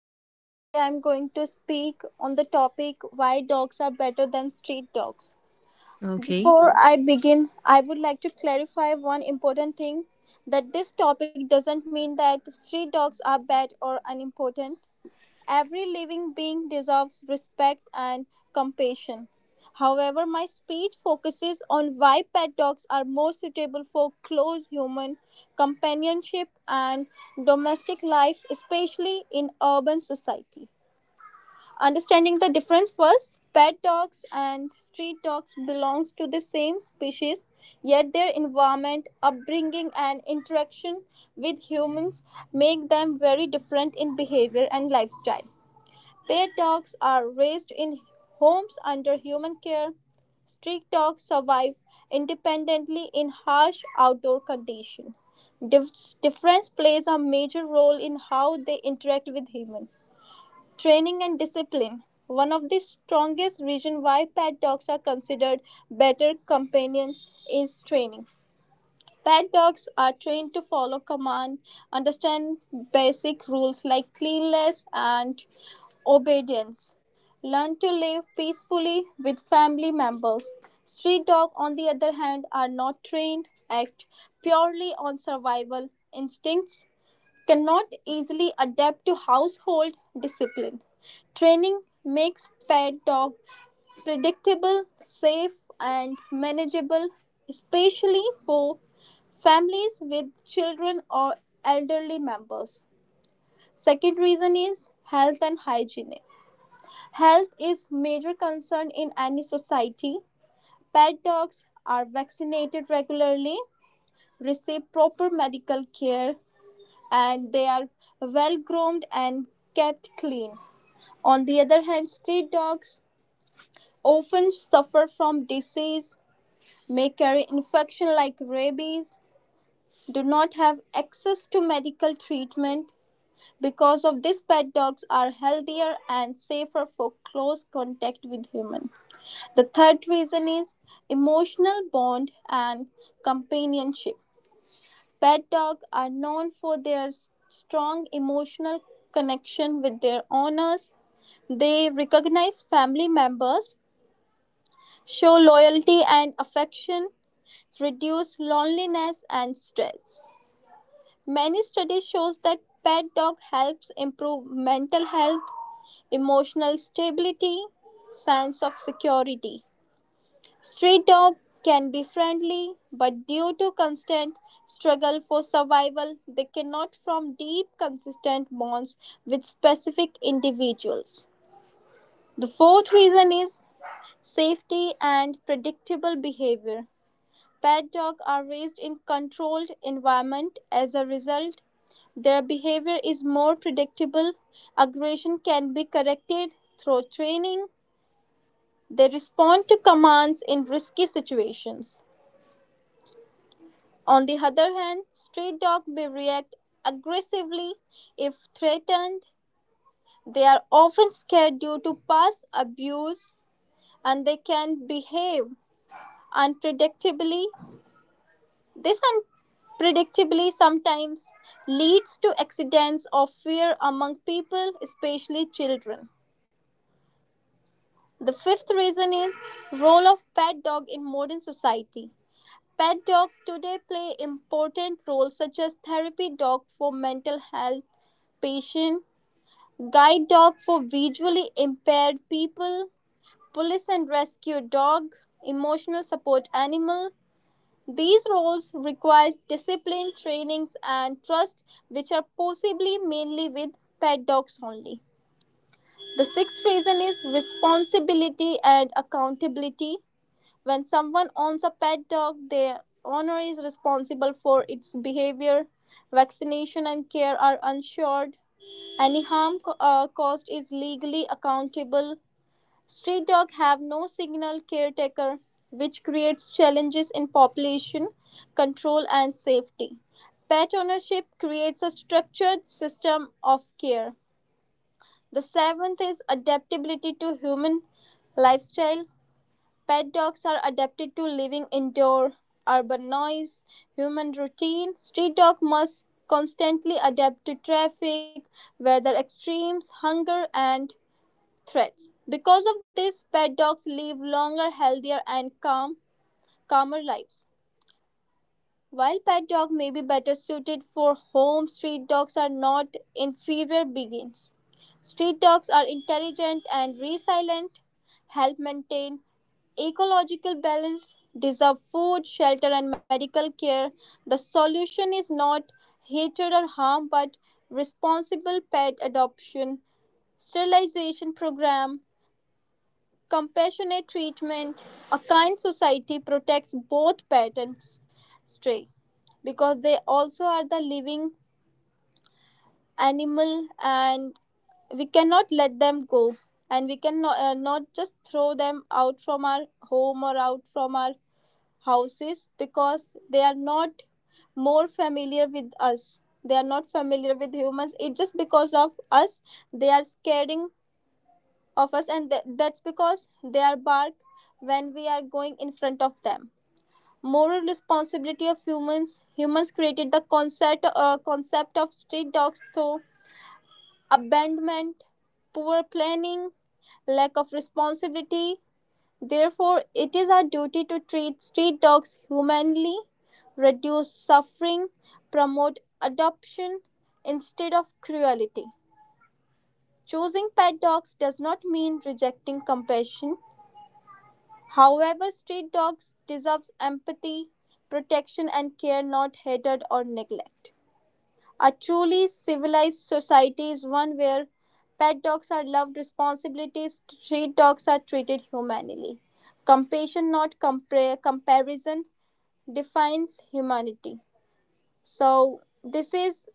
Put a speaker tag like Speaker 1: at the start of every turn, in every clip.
Speaker 1: Anusha, today I'm going to speak on the topic why dogs are better than street dogs.
Speaker 2: Okay.
Speaker 1: Before I begin, I would like to clarify one important thing that this topic doesn't mean that street dogs are bad or unimportant. Every living being deserves respect and compassion. However, my speech focuses on why pet dogs are more suitable for close human companionship and domestic life, especially in urban society. Understanding the difference first, pet dogs and street dogs belong to the same species, yet their environment, upbringing and interaction with humans make them very different in behavior and lifestyle. Pet dogs are raised in homes under human care. Street dogs survive independently in harsh outdoor conditions. Difference plays a major role in how they interact with humans. Training and discipline. One of the strongest reasons why pet dogs are considered better companions is training. Pet dogs are trained to follow command, understand basic rules like cleanliness and obedience, learn to live peacefully with family members. Street dogs, on the other hand, are not trained, act purely on survival instincts, cannot easily adapt to household discipline. Training makes pet dog predictable, safe, and manageable, especially for families with children or elderly members. Second reason is health and hygiene. Health is major concern in any society. Pet dogs are vaccinated regularly, receive proper medical care, and they are well groomed and kept clean. On the other hand, street dogs often suffer from disease, may carry infection like rabies, do not have access to medical treatment, because of this pet dogs are healthier and safer for close contact with humans. The third reason is emotional bond and companionship. Pet dogs are known for their strong emotional connection with their owners. They recognize family members, show loyalty and affection, reduce loneliness and stress. Many studies shows that pet dog helps improve mental health. Emotional stability, sense of security. Street dogs can be friendly, but due to constant struggle for survival, they cannot form deep, consistent bonds with specific individuals. The fourth reason is safety and predictable behavior. Pet dogs are raised in controlled environment. As a result, their behavior is more predictable. Aggression can be corrected through training. They respond to commands in risky situations. On the other hand, stray dogs may react aggressively if threatened. They are often scared due to past abuse and they can behave unpredictably. This unpredictably sometimes leads to accidents of fear among people, especially children. The fifth reason is role of pet dog in modern society. Pet dogs today play important roles such as therapy dog for mental health patients, guide dog for visually impaired people, police and rescue dog, emotional support animal. These roles require discipline, trainings and trust which are possibly mainly with pet dogs only. The sixth reason is responsibility and accountability. When someone owns a pet dog, the owner is responsible for its behavior. Vaccination and care are ensured. Any harm caused is legally accountable. Street dogs have no signal caretaker, which creates challenges in population control and safety. Pet ownership creates a structured system of care. The seventh is adaptability to human lifestyle. Pet dogs are adapted to living indoor, urban noise, human routine. Street dog must constantly adapt to traffic, weather extremes, hunger, and threats. Because of this, pet dogs live longer, healthier, and calmer lives. While pet dog may be better suited for home, street dogs are not inferior beings. Street dogs are intelligent and resilient, help maintain ecological balance, deserve food, shelter, and medical care. The solution is not hatred or harm but responsible pet adoption, sterilization program, compassionate treatment, a kind society protects both pet and stray, because they also are the living animal, and we cannot let them go, and we cannot not just throw them out from our home or out from our houses because they are not more familiar with us. They are not familiar with humans, it's just because of us they are scaring of us, and that's because they are bark when we are going in front of them. Moral responsibility of humans. Humans created the concept of street dogs through abandonment, poor planning, lack of responsibility. Therefore it is our duty to treat street dogs humanely, reduce suffering, promote adoption instead of cruelty. Choosing pet dogs does not mean rejecting compassion. However, street dogs deserve empathy, protection and care, not hatred or neglect. A truly civilized society is one where pet dogs are loved responsibilities, street dogs are treated humanely. Compassion, not comparison, defines humanity. So this is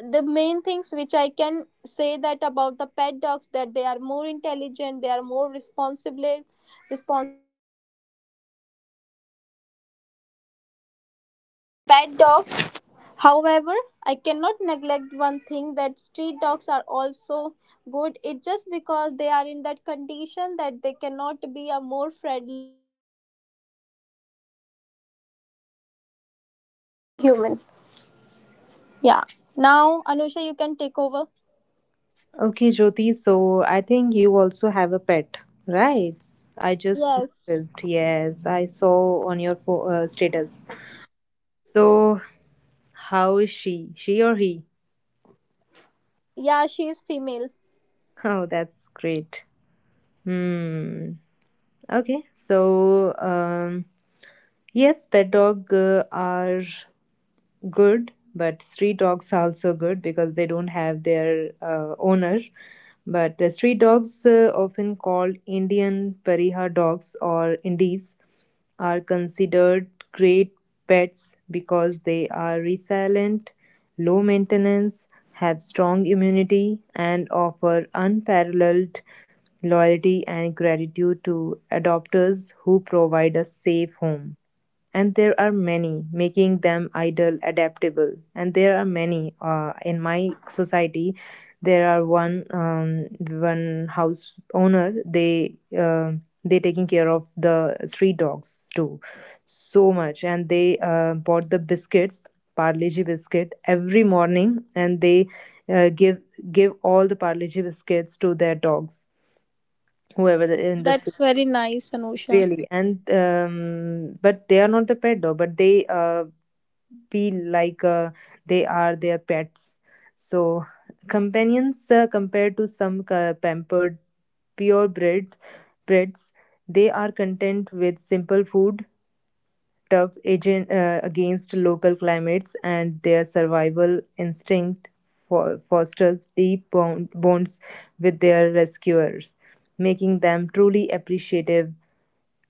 Speaker 1: the main things which I can say that about the pet dogs that they are more intelligent, they are more responsible, responsible
Speaker 3: Pet dogs, however, I cannot neglect one thing that street dogs are also good. It's just because they are in that condition that they cannot be a more friendly. Human. Yeah. Now, Anusha, you can take over.
Speaker 2: Okay, Jyoti, so I think you also have a pet, right? I just
Speaker 3: Yes.
Speaker 2: noticed, yes, I saw on your fo status. So, how is she? She or he?
Speaker 3: Yeah, she is female.
Speaker 2: Oh, that's great. Hmm. Okay, yes, pet dog are good, but street dogs are also good because they don't have their owner. But street dogs often called Indian Pariha dogs or Indies, are considered great pets because they are resilient, low maintenance, have strong immunity, and offer unparalleled loyalty and gratitude to adopters who provide a safe home, and there are many making them idle adaptable. And there are many in my society. There are one one house owner. They taking care of the street dogs too so much, and they bought the biscuits, parleji biscuit, every morning, and they uh, give give all the parleji biscuits to their dogs, whoever the, in the street,
Speaker 3: That's very nice, Anusha.
Speaker 2: really. And but they are not the pet dog, but they feel like they are their pets. So, companions compared to some pampered purebred breeds, they are content with simple food, tough agent against local climates, and their survival instinct fosters deep bonds with their rescuers, making them truly appreciative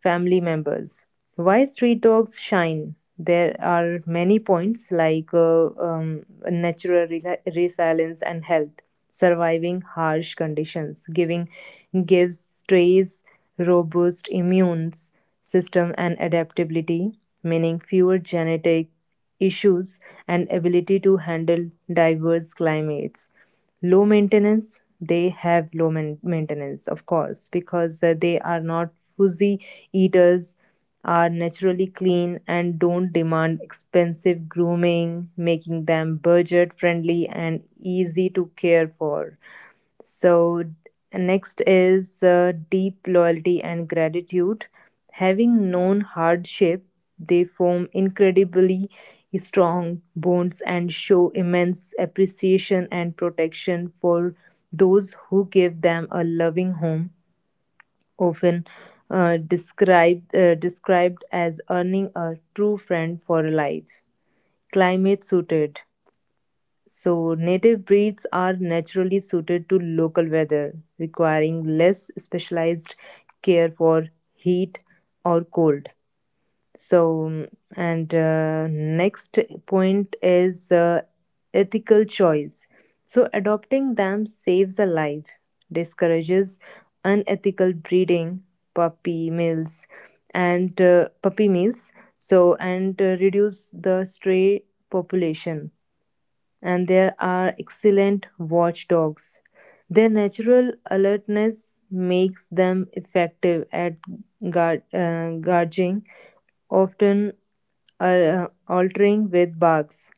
Speaker 2: family members. Why street dogs shine? There are many points like natural resilience and health. Surviving harsh conditions, giving gives strays robust immune system and adaptability, meaning fewer genetic issues and ability to handle diverse climates. Low maintenance, they have low maintenance, of course, because they are not fuzzy eaters, are naturally clean and don't demand expensive grooming, making them budget friendly and easy to care for. So, next is deep loyalty and gratitude. Having known hardship, they form incredibly strong bonds and show immense appreciation and protection for those who give them a loving home, often described as earning a true friend for life. Climate suited. So native breeds are naturally suited to local weather, requiring less specialized care for heat or cold. So, and next point is ethical choice. So, adopting them saves a life, discourages unethical breeding, puppy mills, and puppy mills. So, and reduce the stray population, and there are excellent watchdogs. Their natural alertness makes them effective at guarding, often altering with barks.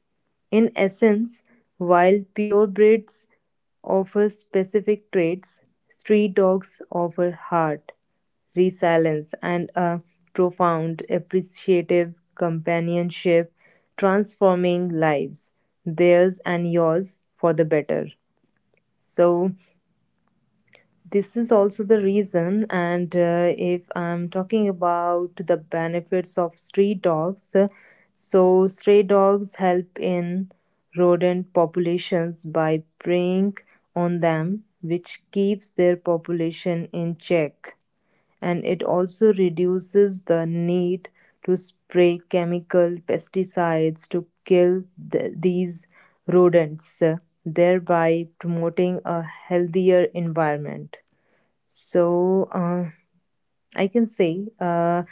Speaker 2: In essence, while purebreds offer specific traits, street dogs offer heart, resilience, and a profound appreciative companionship, transforming lives, theirs and yours, for the better. So, this is also the reason. And if I'm talking about the benefits of street dogs, so stray dogs help in rodent populations by preying on them, which keeps their population in check, and it also reduces the need to spray chemical pesticides to kill these rodents, thereby promoting a healthier environment. So, I can say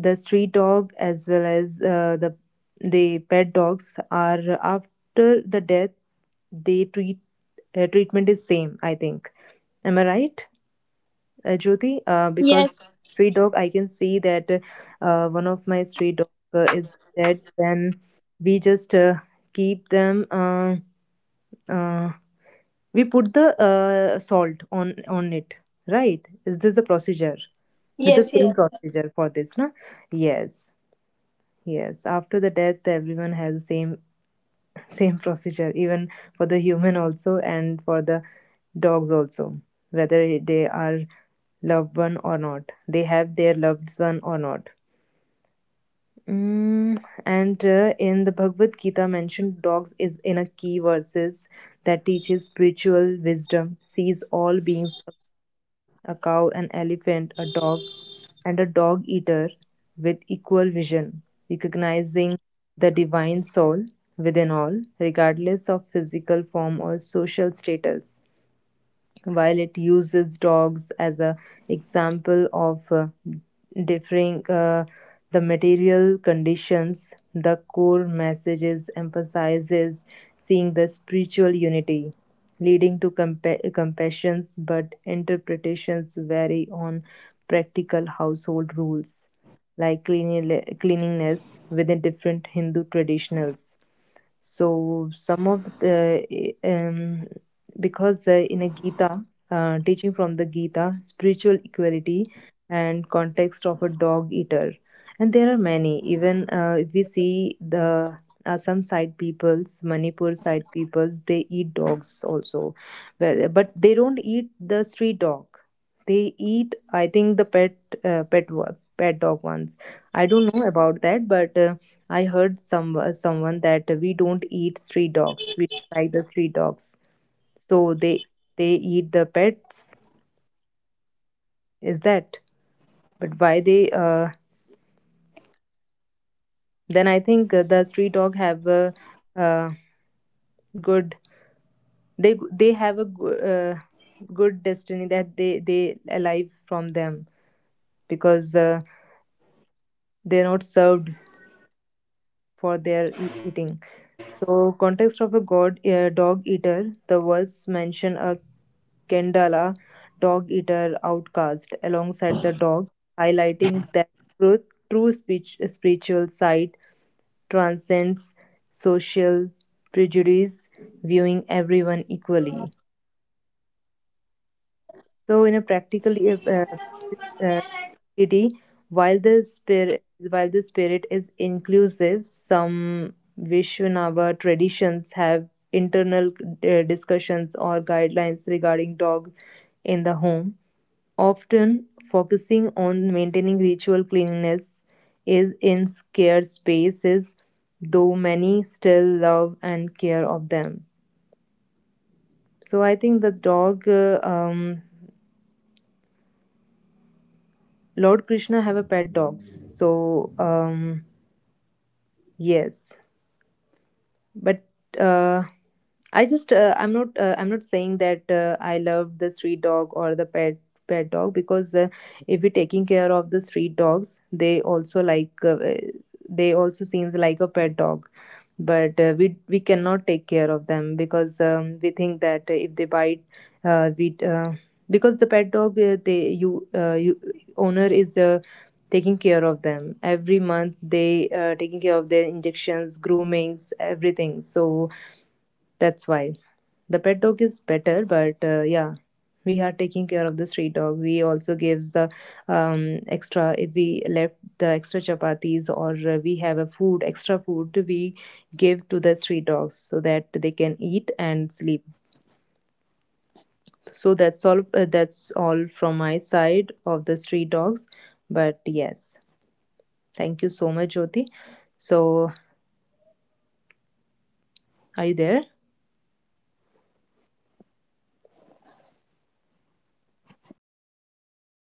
Speaker 2: the street dog as well as the pet dogs, are after the death, they treatment is same. I think. Am I right? Jyoti, because
Speaker 3: Yes.
Speaker 2: street dog, I can see that one of my street dog is dead. Then we just keep them. Uh, we put the salt on it, right? Is this the procedure? With
Speaker 3: Yes,
Speaker 2: the
Speaker 3: yes.
Speaker 2: same procedure for this, na? Yes, yes. After the death, everyone has the same procedure, even for the human also and for the dogs also, whether they are loved one or not, they have their loved one or not. Mm, and in the Bhagavad Gita, mentioned dogs is in a key verses that teaches spiritual wisdom, sees all beings, a cow, an elephant, a dog, and a dog eater, with equal vision, recognizing the divine soul within all, regardless of physical form or social status. While it uses dogs as an example of differing the material conditions, the core messages emphasizes seeing the spiritual unity, leading to compassions, but interpretations vary on practical household rules like cleanliness within different Hindu traditionals. So some of the because in a Gita, teaching from the Gita, spiritual equality and context of a dog eater, and there are many. Even if we see the some side peoples, Manipur side peoples, they eat dogs also, but they don't eat the street dog. They eat, I think, the pet dog ones. I don't know about that, but. I heard some someone that we don't eat street dogs. We don't like the street dogs. So they eat the pets. Is that? But why they? Then I think the street dog have a uh, good. They have a good destiny that they alive from them, because they're not served for their eating. So context of a god dog eater. The verse mention a Kendala dog eater outcast, alongside the dog, highlighting that truth, true speech, spiritual side transcends social prejudice, viewing everyone equally. So, in a practical uh, activity, while the spirit while the spirit is inclusive, some Vishwanava traditions have internal discussions or guidelines regarding dogs in the home. Often, focusing on maintaining ritual cleanliness is in scarce spaces, though many still love and care of them. So I think the Lord Krishna have a pet dogs. So yes, but uh, I just I'm not saying that I love the street dog or the pet dog, because if we're taking care of the street dogs, they also like they also seems like a pet dog. But we cannot take care of them because we think that if they bite, we because the pet dog, they you owner is taking care of them every month. They taking care of their injections, groomings, everything. So that's why. The pet dog is better, but yeah, we are taking care of the street dog. We also gives the extra, if we left the extra chapatis, or we have a food extra food, we give to the street dogs so that they can eat and sleep.
Speaker 3: Oh, very
Speaker 2: So
Speaker 3: nice.
Speaker 2: that's all. That's all from my side of the street dogs. But yes, thank you so much, Jyoti. So are you there?
Speaker 3: Yes, yes, I'm here. Yeah, yeah, this is also